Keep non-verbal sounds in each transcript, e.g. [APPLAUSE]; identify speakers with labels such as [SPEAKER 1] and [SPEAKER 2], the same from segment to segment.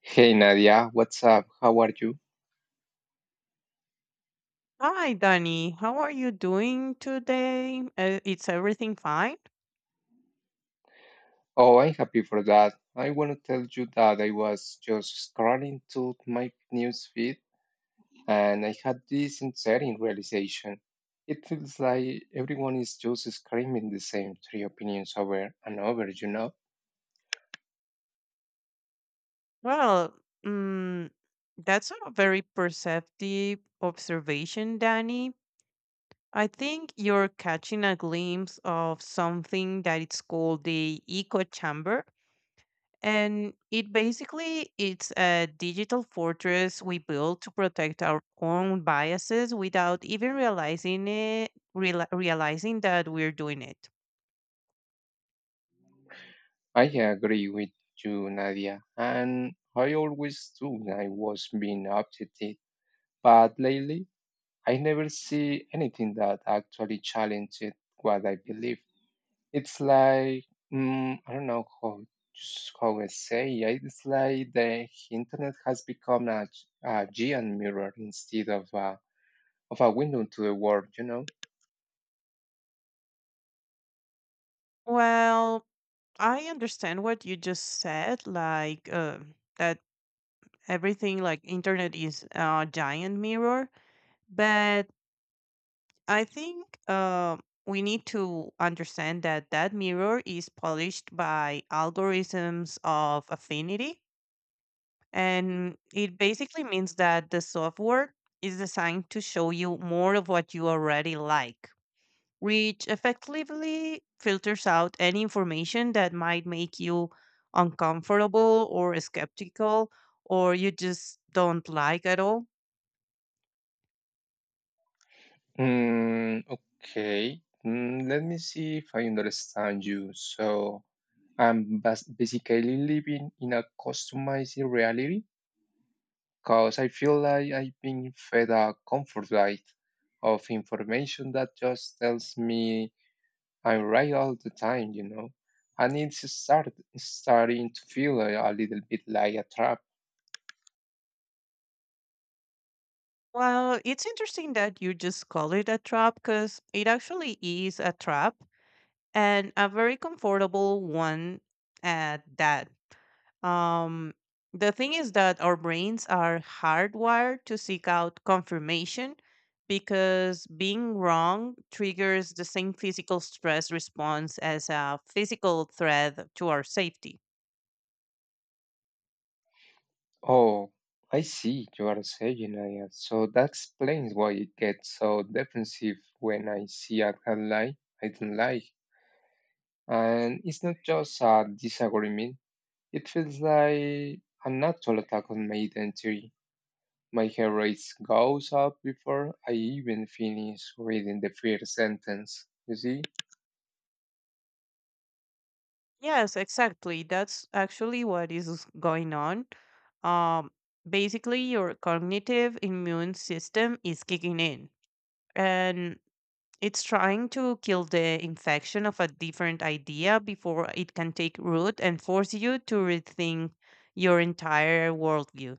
[SPEAKER 1] Hey Nadia, what's up? How are you?
[SPEAKER 2] Hi, Danny. How are you doing today? It's everything fine?
[SPEAKER 1] Oh, I'm happy for that. I want to tell you that I was just scrolling through my news feed and I had this unsettling realization. It feels like everyone is just screaming the same three opinions over and over, you know?
[SPEAKER 2] Well, mm, that's a very perceptive observation, Danny. I think you're catching a glimpse of something that it's called the echo chamber, and it basically it's a digital fortress we build to protect our own biases without even realizing it, realizing that we're doing it.
[SPEAKER 1] I agree with you, Nadia, and I always do when I was being updated, but lately I never see anything that actually challenges what I believe. It's like, I don't know how I say it. It's like the internet has become a giant mirror instead of a window to the world, you know?
[SPEAKER 2] Well, I understand what you just said, like that everything like internet is a giant mirror, but I think we need to understand that that mirror is polished by algorithms of affinity, and it basically means that the software is designed to show you more of what you already like, which effectively filters out any information that might make you uncomfortable or skeptical or you just don't like at all.
[SPEAKER 1] Mm, okay. Let me see if I understand you. So I'm basically living in a customized reality because I feel like I've been fed a comfort diet of information that just tells me I'm right all the time. And it's starting to feel a little bit like a trap.
[SPEAKER 2] Well, it's interesting that you just call it a trap because it actually is a trap, and a very comfortable one at that. Um, the thing is that our brains are hardwired to seek out confirmation because being wrong triggers the same physical stress response as a physical threat to our safety.
[SPEAKER 1] Oh, I see, you are saying, Aya. So that explains why it gets so defensive when I see a headline I don't like. And it's not just a disagreement, it feels like a natural attack on my identity. My heart rate goes up before I even finish reading the first sentence. You see?
[SPEAKER 2] Yes, exactly. That's actually what is going on. Um, Basically, your cognitive immune system is kicking in and it's trying to kill the infection of a different idea before it can take root and force you to rethink your entire worldview.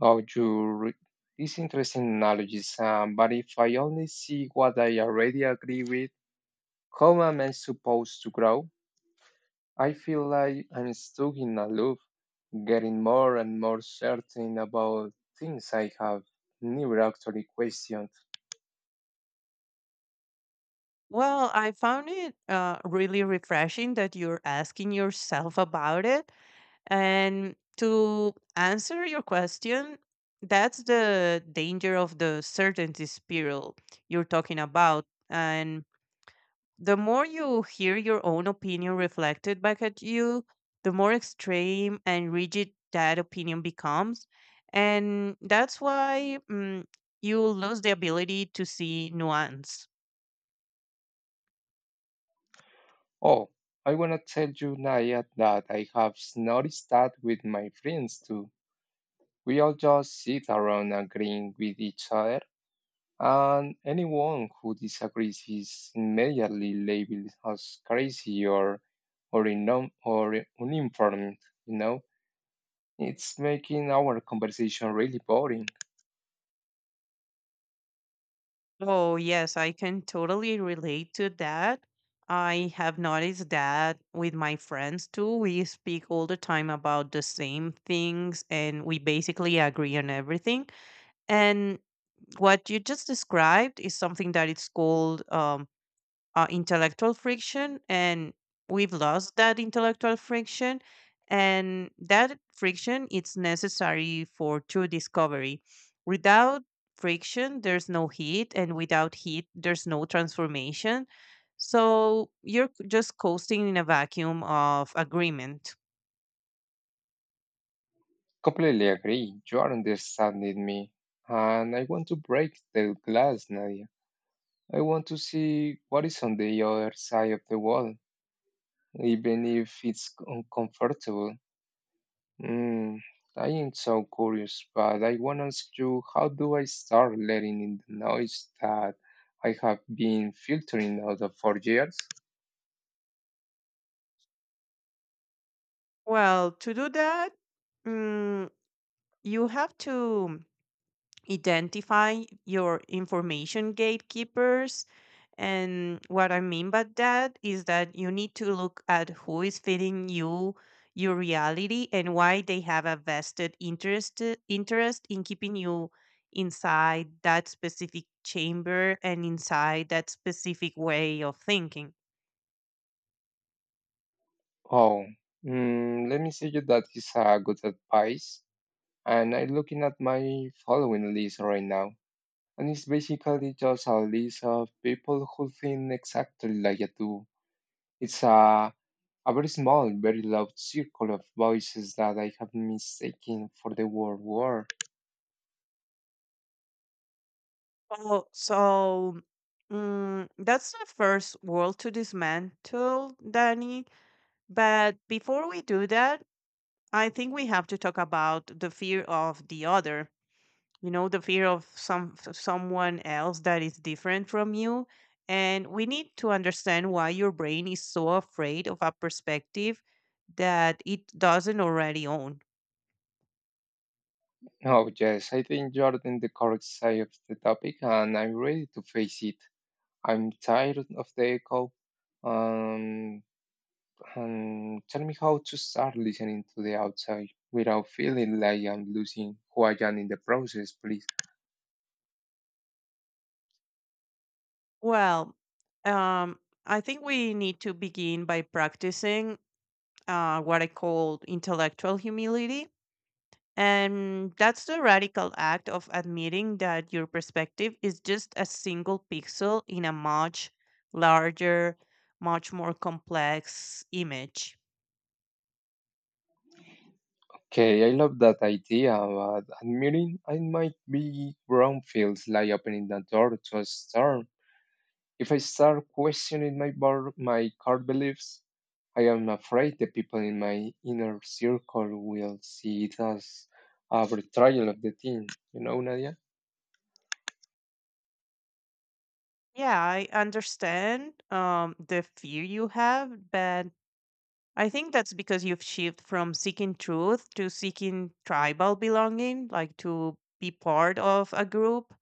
[SPEAKER 1] Oh, these interesting analogies. But if I only see what I already agree with, how am I supposed to grow? I feel like I'm stuck in a loop, getting more and more certain about things I have never actually questioned.
[SPEAKER 2] Well, I found it really refreshing that you're asking yourself about it. And to answer your question, that's the danger of the certainty spiral you're talking about. And the more you hear your own opinion reflected back at you, the more extreme and rigid that opinion becomes. And that's why you lose the ability to see nuance.
[SPEAKER 1] Oh, I wanna tell you, Naya, that I have noticed that with my friends too. We all just sit around agreeing with each other. And anyone who disagrees is immediately labeled as crazy or uninformed, you know? It's making our conversation really boring.
[SPEAKER 2] Oh, yes, I can totally relate to that. I have noticed that with my friends too. We speak all the time about the same things and we basically agree on everything. And what you just described is something that it's called intellectual friction, and we've lost that intellectual friction, and that friction it's necessary for true discovery. Without friction there's no heat, and without heat there's no transformation, so you're just coasting in a vacuum of agreement.
[SPEAKER 1] Completely agree. You are understanding me. And I want to break the glass, Nadia. I want to see what is on the other side of the wall, even if it's uncomfortable. Mm, I am so curious, but I want to ask you, how do I start letting in the noise that I have been filtering out of for years?
[SPEAKER 2] Well, to do that, mm, you have to identify your information gatekeepers. And what I mean by that is that you need to look at who is feeding you your reality and why they have a vested interest in keeping you inside that specific chamber and inside that specific way of thinking.
[SPEAKER 1] Oh, let me say you that is a good advice. And I'm looking at my following list right now, and it's basically just a list of people who think exactly like I do. It's a very small, very loud circle of voices that I have mistaken for the word war.
[SPEAKER 2] Oh, so that's the first wall to dismantle, Danny. But before we do that, I think we have to talk about the fear of the other, you know, the fear of someone else that is different from you. And we need to understand why your brain is so afraid of a perspective that it doesn't already own.
[SPEAKER 1] Oh, yes, I think you are in the correct side of the topic, and I'm ready to face it. I'm tired of the echo. Um, and tell me how to start listening to the outside without feeling like I'm losing who I am in the process, please.
[SPEAKER 2] Well, um, I think we need to begin by practicing what I call intellectual humility. And that's the radical act of admitting that your perspective is just a single pixel in a much larger, much more complex image.
[SPEAKER 1] Okay, I love that idea, but admitting I might be wrong feels like opening the door to a storm. If I start questioning my core beliefs, I am afraid the people in my inner circle will see it as a betrayal of the team. You know, Nadia?
[SPEAKER 2] Yeah, I understand the fear you have, but I think that's because you've shifted from seeking truth to seeking tribal belonging, like to be part of a group.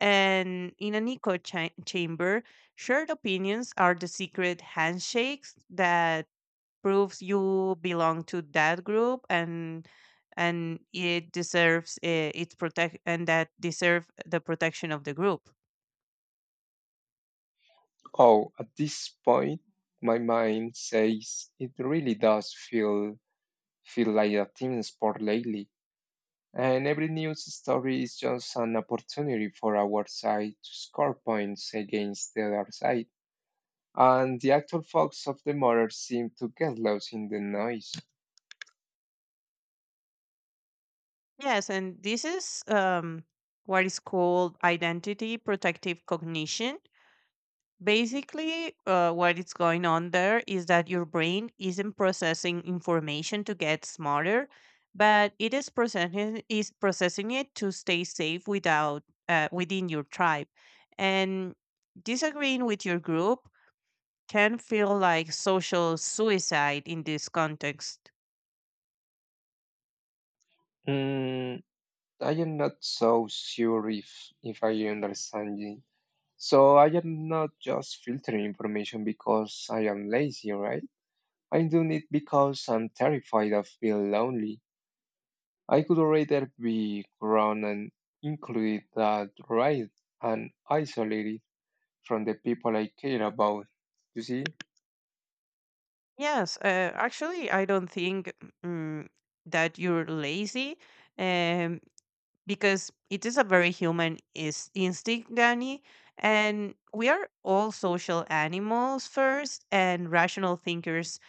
[SPEAKER 2] And in an chamber, shared opinions are the secret handshakes that proves you belong to that group, and it deserves its protect and that deserve the protection of the group.
[SPEAKER 1] Oh, at this point, my mind says it really does feel like a team sport lately. And every news story is just an opportunity for our side to score points against the other side. And the actual facts of the matter seem to get lost in the noise.
[SPEAKER 2] Yes, and this is what is called identity protective cognition. Basically, what is going on there is that your brain isn't processing information to get smarter, but it is processing it to stay safe without within your tribe. And disagreeing with your group can feel like social suicide in this context.
[SPEAKER 1] Mm, I am not so sure if I understand you. So I am not just filtering information because I am lazy, right? I'm doing it because I'm terrified of being lonely. I could rather be grown and included that right and isolated from the people I care about. You see?
[SPEAKER 2] Yes, actually, I don't think mm, that you're lazy. Um, because it is a very human is instinct, Danny. And we are all social animals first and rational thinkers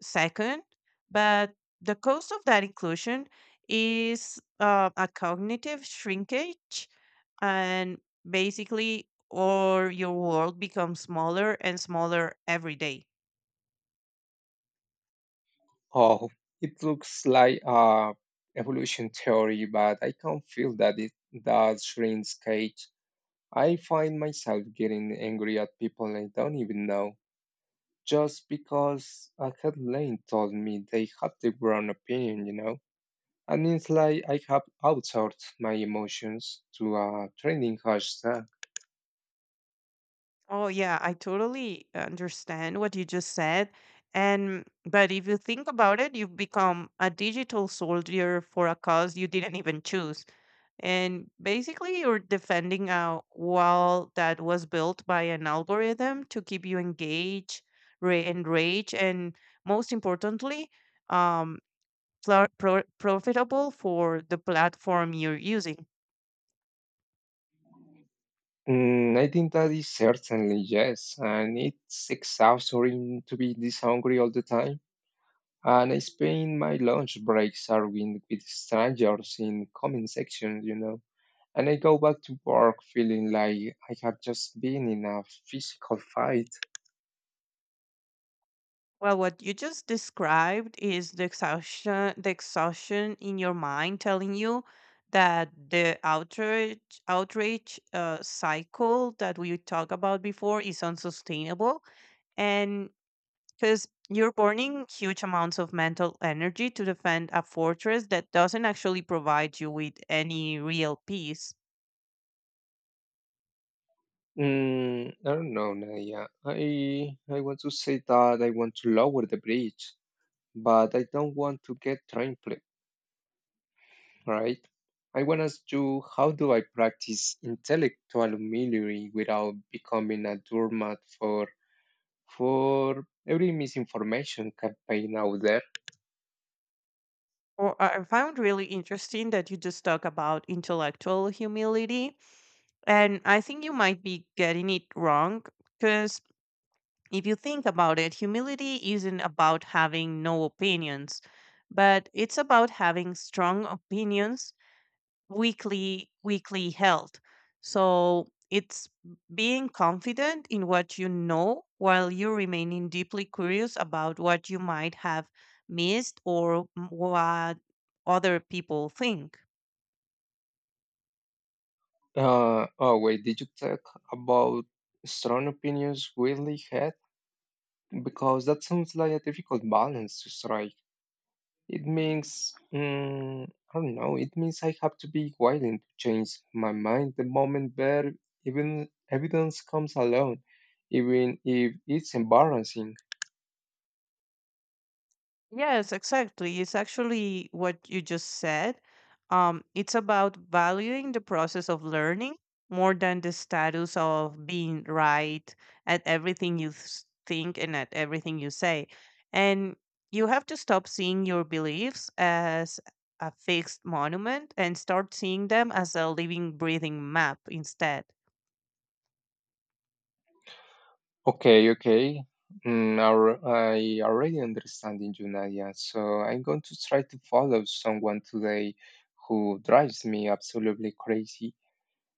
[SPEAKER 2] second. But the cost of that inclusion is a cognitive shrinkage. And basically, or your world becomes smaller and smaller every day.
[SPEAKER 1] Oh, it looks like a evolution theory, but I can feel that it that shrinks cage. I find myself getting angry at people I don't even know just because a headline told me they had the wrong opinion, you know? And it's like I have outsourced my emotions to a trending hashtag.
[SPEAKER 2] Oh yeah, I totally understand what you just said. And but if you think about it, you've become a digital soldier for a cause you didn't even choose. And basically you're defending a wall that was built by an algorithm to keep you engaged, re enraged, and most importantly, um, profitable for the platform you're using.
[SPEAKER 1] I think that is certainly yes, and it's exhausting to be this hungry all the time. And I spend my lunch breaks arguing with strangers in comment sections, you know? And I go back to work feeling like I have just been in a physical fight.
[SPEAKER 2] Well, what you just described is the exhaustion in your mind telling you that the outrage cycle that we talked about before is unsustainable, and because you're burning huge amounts of mental energy to defend a fortress that doesn't actually provide you with any real peace.
[SPEAKER 1] I don't know, Naya. I want to say that I want to lower the bridge, but I don't want to get trampled, right? I want to ask you, how do I practice intellectual humility without becoming a doormat for every misinformation campaign out there?
[SPEAKER 2] Or I found really interesting that you just talk about intellectual humility. And I think you might be getting it wrong because if you think about it, humility isn't about having no opinions, but it's about having strong opinions, weakly held. So it's being confident in what you know while you remaining deeply curious about what you might have missed or what other people think.
[SPEAKER 1] Oh wait, did you talk about strong opinions widely held? Because that sounds like a difficult balance to strike. It means, I don't know, it means I have to be willing to change my mind the moment where even evidence comes along, even if it's embarrassing.
[SPEAKER 2] Yes, exactly. It's actually what you just said. It's about valuing the process of learning more than the status of being right at everything you think and at everything you say. And you have to stop seeing your beliefs as a fixed monument and start seeing them as a living, breathing map instead.
[SPEAKER 1] Okay, okay. I already understanding you, Nadia. So I'm going to try to follow someone today who drives me absolutely crazy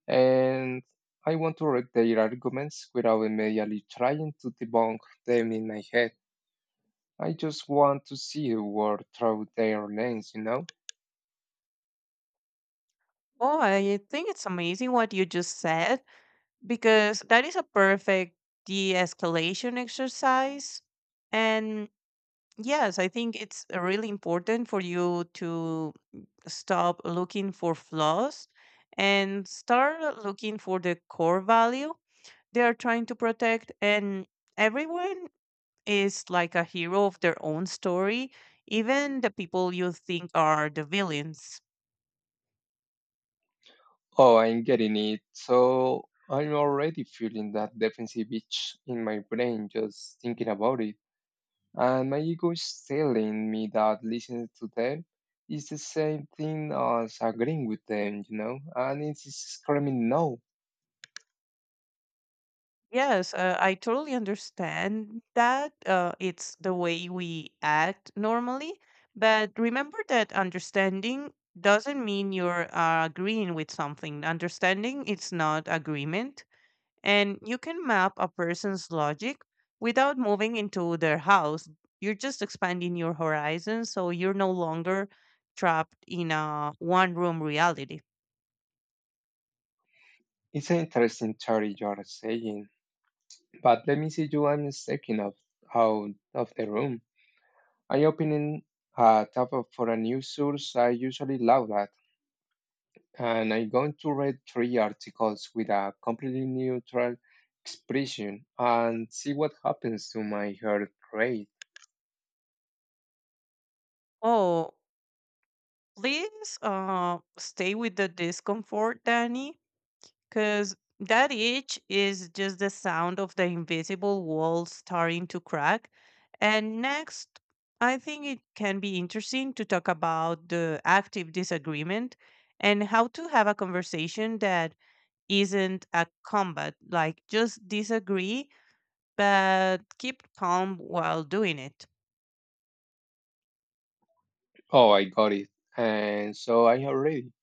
[SPEAKER 1] and I want to read their arguments without immediately trying to debunk them in my head. I just want to see the world through their lens, you know?
[SPEAKER 2] Oh, I think it's amazing what you just said because that is a perfect de-escalation exercise. And yes, I think it's really important for you to stop looking for flaws and start looking for the core value they are trying to protect. And everyone is like a hero of their own story, even the people you think are the villains.
[SPEAKER 1] Oh, I'm getting it. So I'm already feeling that defensive itch in my brain just thinking about it. And my ego is telling me that listening to them is the same thing as agreeing with them, you know? And it's screaming no.
[SPEAKER 2] Yes, I totally understand that. It's the way we act normally. But remember that understanding doesn't mean you're agreeing with something. Understanding it's not agreement. And you can map a person's logic without moving into their house. You're just expanding your horizon, so you're no longer trapped in a one room reality.
[SPEAKER 1] It's an interesting theory you're saying. But let me see you. I'm taking of out of the room. I opening a tab for a new source I usually love at, and I'm going to read three articles with a completely neutral expression and see what happens to my heart rate.
[SPEAKER 2] Oh, please stay with the discomfort, Danny. Because that itch is just the sound of the invisible wall starting to crack. And next, I think it can be interesting to talk about the active disagreement and how to have a conversation that isn't a combat, like just disagree, but keep calm while doing it.
[SPEAKER 1] Oh, I got it. And so I am ready.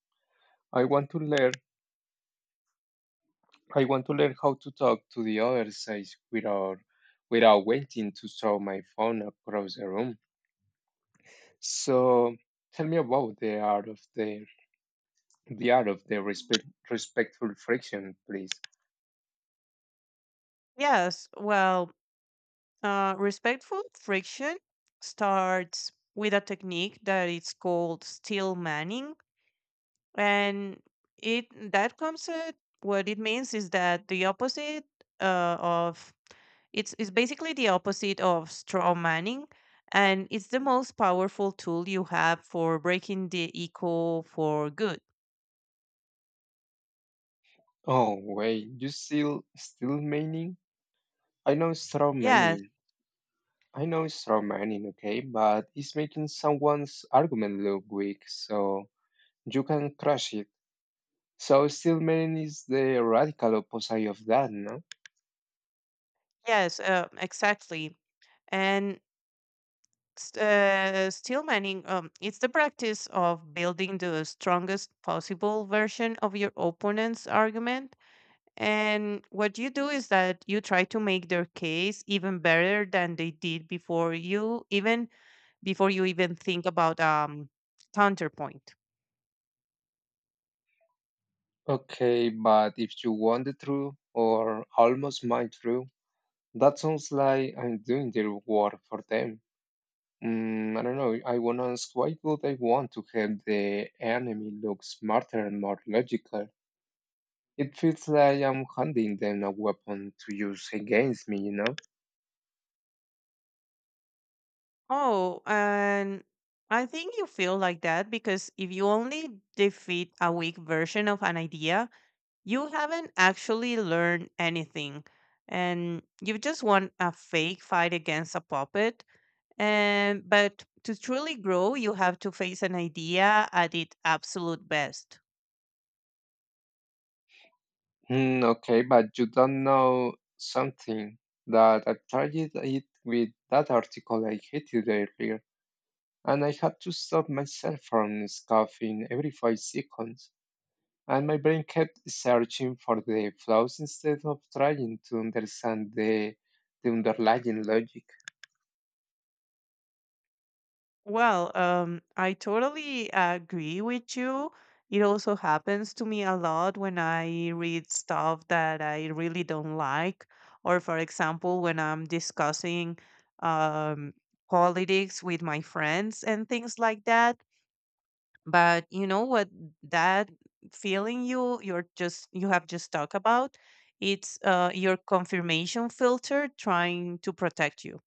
[SPEAKER 1] I want to learn. I want to learn how to talk to the other side without waiting to throw my phone across the room. So tell me about the art of the the art of the respect respectful friction, please.
[SPEAKER 2] Yes, well, respectful friction starts with a technique that is called steel manning. And it that comes what it means is that the opposite of it's basically the opposite of straw manning, and it's the most powerful tool you have for breaking the echo for good.
[SPEAKER 1] Oh wait, you still meaning? I know it's straw
[SPEAKER 2] yes
[SPEAKER 1] manning. I know it's straw manning, okay, but it's making someone's argument look weak, so you can crush it. So still meaning is the radical opposite of that, no?
[SPEAKER 2] yes, exactly. And steel manning it's the practice of building the strongest possible version of your opponent's argument. And what you do is that you try to make their case even better than they did before you even think about counterpoint.
[SPEAKER 1] Okay, but if you want the truth or almost my truth, that sounds like I'm doing the work for them. I don't know. I want to ask why would I want to have the enemy look smarter and more logical? It feels like I'm handing them a weapon to use against me, you know?
[SPEAKER 2] Oh, and I think you feel like that because if you only defeat a weak version of an idea, you haven't actually learned anything. And you just won a fake fight against a puppet. And but to truly grow, you have to face an idea at its absolute best.
[SPEAKER 1] Okay, but you don't know something that I tried it with that article I hated earlier, and I had to stop myself from scoffing every 5 seconds. And my brain kept searching for the flaws instead of trying to understand the underlying logic.
[SPEAKER 2] Well, I totally agree with you. It also happens to me a lot when I read stuff that I really don't like, or for example, when I'm discussing um, politics with my friends and things like that. But you know what that feeling you have just talked about? It's your confirmation filter trying to protect you.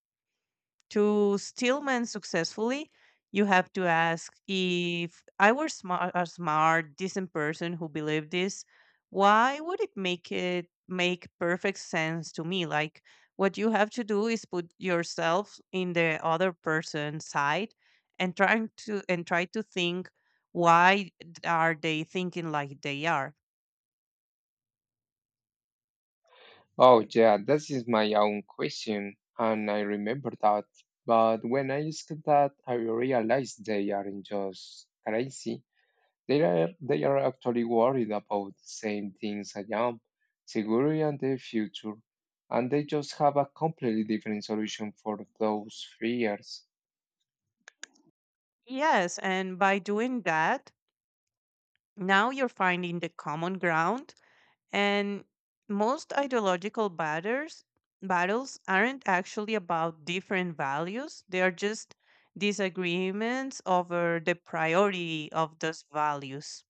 [SPEAKER 2] To Stillman successfully, you have to ask, if I were a smart, decent person who believed this, why would it make perfect sense to me? Like, what you have to do is put yourself in the other person's side and try to think why are they thinking like they are.
[SPEAKER 1] Oh, yeah, this is my own question, and I remember that. But when I asked that, I realized they aren't just crazy. They are actually worried about the same things I am, security and the future. And they just have a completely different solution for those fears.
[SPEAKER 2] Yes, and by doing that, now you're finding the common ground. And most battles aren't actually about different values, they are just disagreements over the priority of those values.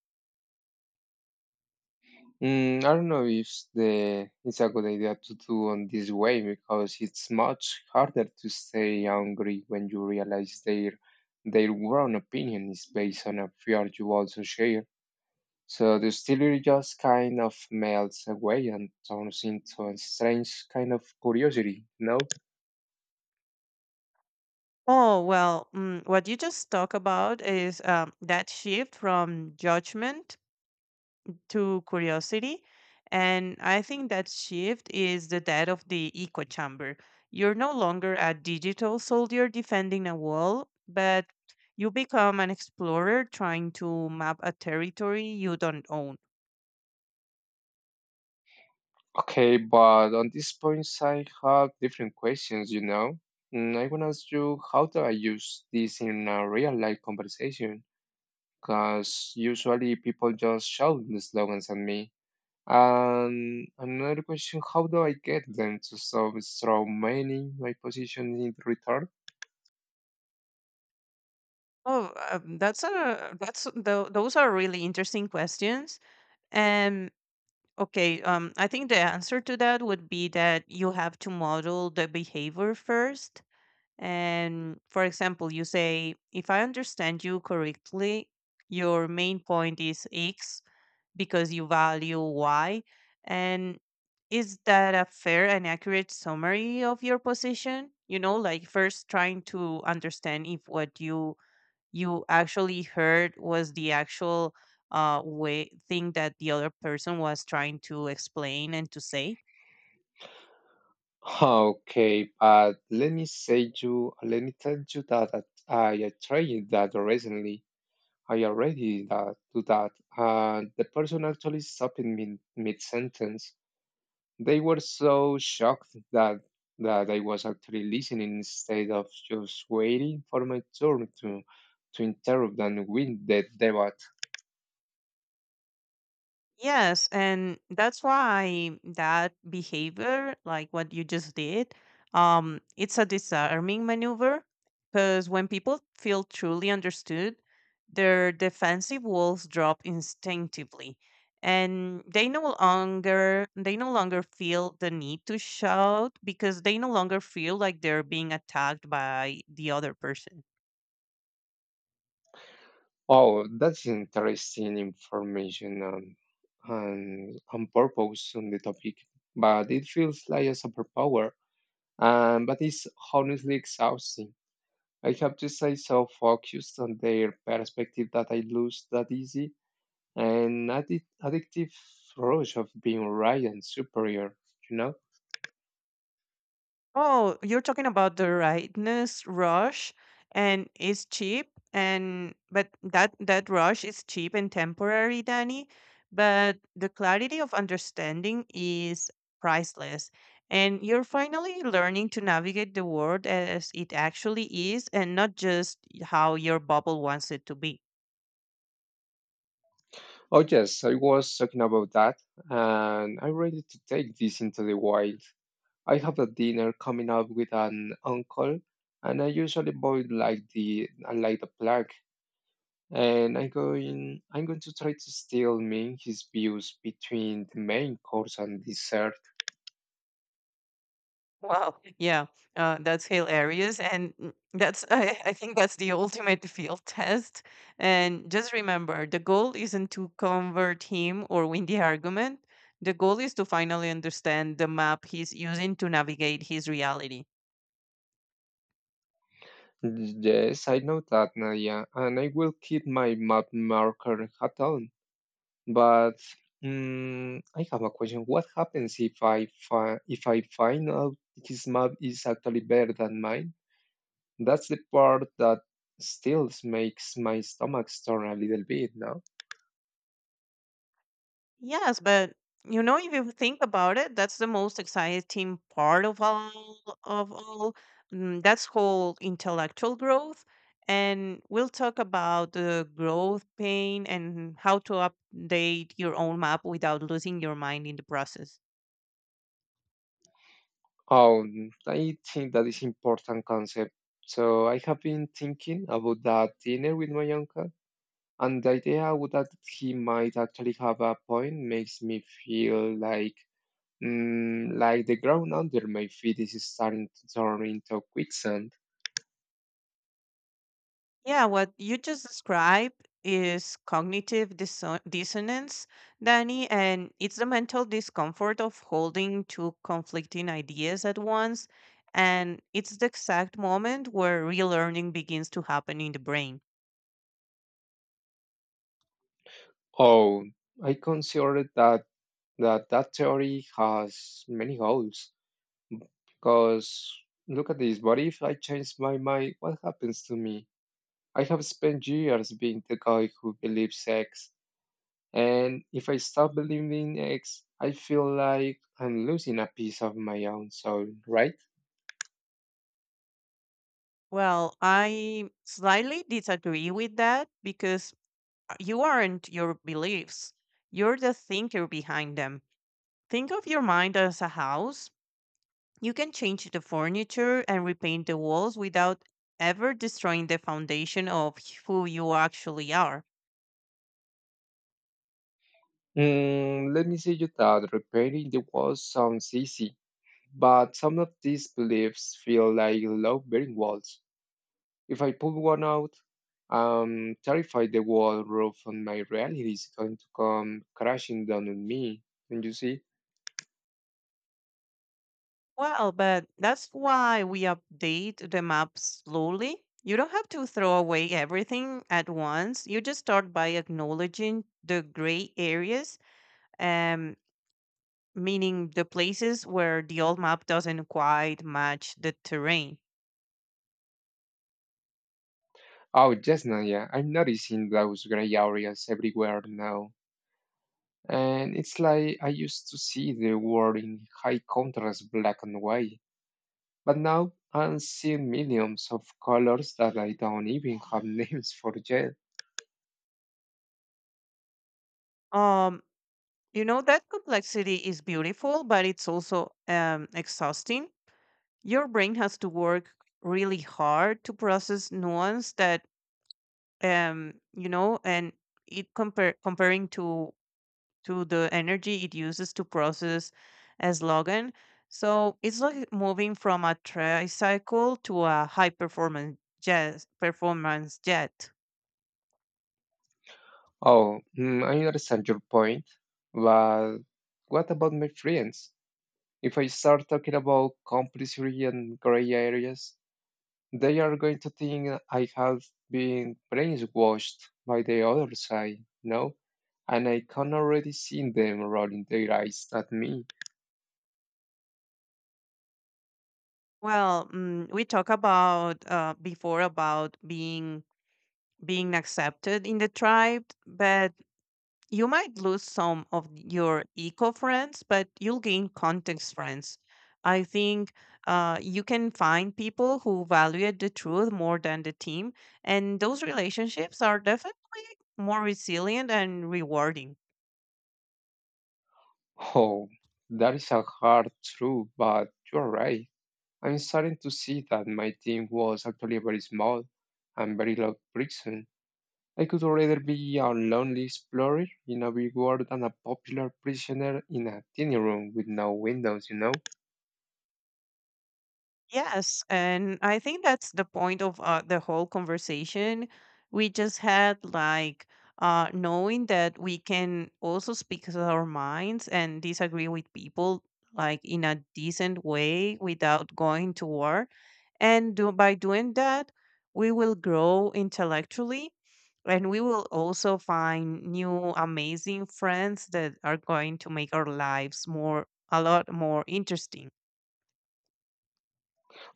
[SPEAKER 1] I don't know if the it's a good idea to do on this way because it's much harder to stay hungry when you realize their own opinion is based on a fear you also share. So the story just kind of melts away and turns into a strange kind of curiosity, you know?
[SPEAKER 2] Oh, well, what you just talked about is that shift from judgment to curiosity. And I think that shift is the death of the echo chamber. You're no longer a digital soldier defending a wall, but you become an explorer trying to map a territory you don't own.
[SPEAKER 1] Okay, but on this point, I have different questions, you know? I want to ask you, how do I use this in a real life conversation? Because usually people just shout the slogans at me. And another question how do I get them to stop strawmanning my position in return?
[SPEAKER 2] Oh, that's those are really interesting questions. And Okay, I think the answer to that would be that you have to model the behavior first. And for example, you say, if I understand you correctly, your main point is X because you value Y. And is that a fair and accurate summary of your position? You know, like first trying to understand if what you actually heard was the actual way thing that the other person was trying to explain and to say.
[SPEAKER 1] [LAUGHS] Okay, but let me say you, let me tell you that I tried that recently. I already that, do that. The person actually stopped me mid sentence. They were so shocked that I was actually listening instead of just waiting for my turn to interrupt and win the debate.
[SPEAKER 2] Yes, and that's why that behavior, like what you just did, it's a disarming maneuver, because when people feel truly understood, their defensive walls drop instinctively, and they no longer feel the need to shout because they no longer feel like they're being attacked by the other person.
[SPEAKER 1] Oh, that's interesting information and purpose on the topic, but it feels like a superpower. But it's honestly exhausting. I have to say so focused on their perspective that I lose that easy an addictive rush of being right and superior, you know?
[SPEAKER 2] Oh, you're talking about the rightness rush, and it's cheap and but that that rush is cheap and temporary, Danny, but the clarity of understanding is priceless. And you're finally learning to navigate the world as it actually is, and not just how your bubble wants it to be.
[SPEAKER 1] Oh, yes, I was talking about that, and I'm ready to take this into the wild. I have a dinner coming up with an uncle, and I usually boil like the plague. And I'm going to try to steal me his views between the main course and dessert.
[SPEAKER 2] Wow. [LAUGHS] Yeah, that's hilarious, and that's… [LAUGHS] I think that's the ultimate field test. And just remember, the goal isn't to convert him or win the argument. The goal is to finally understand the map he's using to navigate his reality.
[SPEAKER 1] Yes, I know that, Nadia, and I will keep my map marker hat on. But I have a question. What happens if if I find out his map is actually better than mine? That's the part that still makes my stomach turn a little bit, no?
[SPEAKER 2] Yes, but you know, if you think about it, that's the most exciting part of all. That's whole intellectual growth, and we'll talk about the growth pain and how to update your own map without losing your mind in the process.
[SPEAKER 1] Oh, I think that is important concept. So I have been thinking about that dinner with my uncle. And the idea would that he might actually have a point makes me feel like the ground under my feet is starting to turn into quicksand.
[SPEAKER 2] Yeah, what you just described is cognitive dissonance, Danny, and it's the mental discomfort of holding two conflicting ideas at once. And it's the exact moment where relearning begins to happen in the brain.
[SPEAKER 1] Oh, I consider that that theory has many holes. Because look at this, what if I change my mind? What happens to me? I have spent years being the guy who believes X, and if I stop believing X, I feel like I'm losing a piece of my own soul, right?
[SPEAKER 2] Well, I slightly disagree with that because you aren't your beliefs, you're the thinker behind them. Think of your mind as a house. You can change the furniture and repaint the walls without ever destroying the foundation of who you actually are.
[SPEAKER 1] Let me say you that repairing the walls sounds easy, but some of these beliefs feel like load-bearing walls. If I pull one out, I'm terrified the wall roof on my reality is going to come crashing down on me. Don't you see?
[SPEAKER 2] Well, but that's why we update the map slowly. You don't have to throw away everything at once. You just start by acknowledging the gray areas, um, meaning the places where the old map doesn't quite match the terrain.
[SPEAKER 1] Oh, yes, Naya, I'm noticing those gray areas everywhere now. And it's like I used to see the world in high contrast black and white. But now I see millions of colors that I don't even have [LAUGHS] names for yet.
[SPEAKER 2] Um, You know, that complexity is beautiful, but it's also exhausting. Your brain has to work really hard to process nuance that, you know, and it compare comparing to the energy it uses to process as Logan. So it's like moving from a tricycle to a high performance jet performance jet.
[SPEAKER 1] Oh, I understand your point. But what about my friends? If I start talking about compulsory and gray areas, they are going to think I have been brainwashed by the other side, no? And I can already see them rolling their eyes at me.
[SPEAKER 2] Well, we talked about before about being accepted in the tribe, but you might lose some of your eco friends, but you'll gain context friends. I think you can find people who value the truth more than the team, and those relationships are definitely more resilient and rewarding.
[SPEAKER 1] Oh, that is a hard truth, but you're right. I'm starting to see that my team was actually very small and very low friction. I could rather be a lonely explorer in a big world than a popular prisoner in a tiny room with no windows, you know?
[SPEAKER 2] Yes, and I think that's the point of the whole conversation we just had, like knowing that we can also speak with our minds and disagree with people, like in a decent way, without going to war. And by doing that, we will grow intellectually, and we will also find new amazing friends that are going to make our lives more a lot more interesting.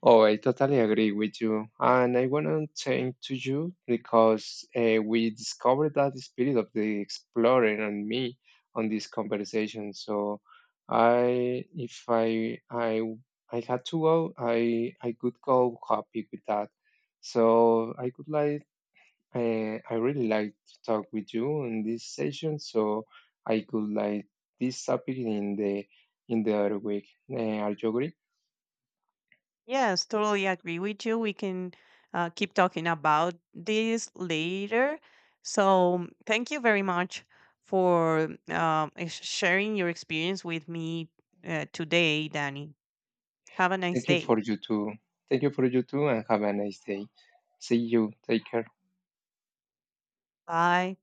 [SPEAKER 1] Oh, I totally agree with you. And I want to thank to you because we discovered that spirit of the explorer and me on this conversation. So if I had to go, I could go happy with that. So I really like to talk with you in this session. So I could like this topic in the other week. Are you agree?
[SPEAKER 2] Yes, totally agree with you. We can keep talking about this later. So, thank you very much for sharing your experience with me today, Danny. Have a nice
[SPEAKER 1] Thank you
[SPEAKER 2] day.
[SPEAKER 1] for you too. Thank you for you too, and have a nice day. See you. Take care.
[SPEAKER 2] Bye.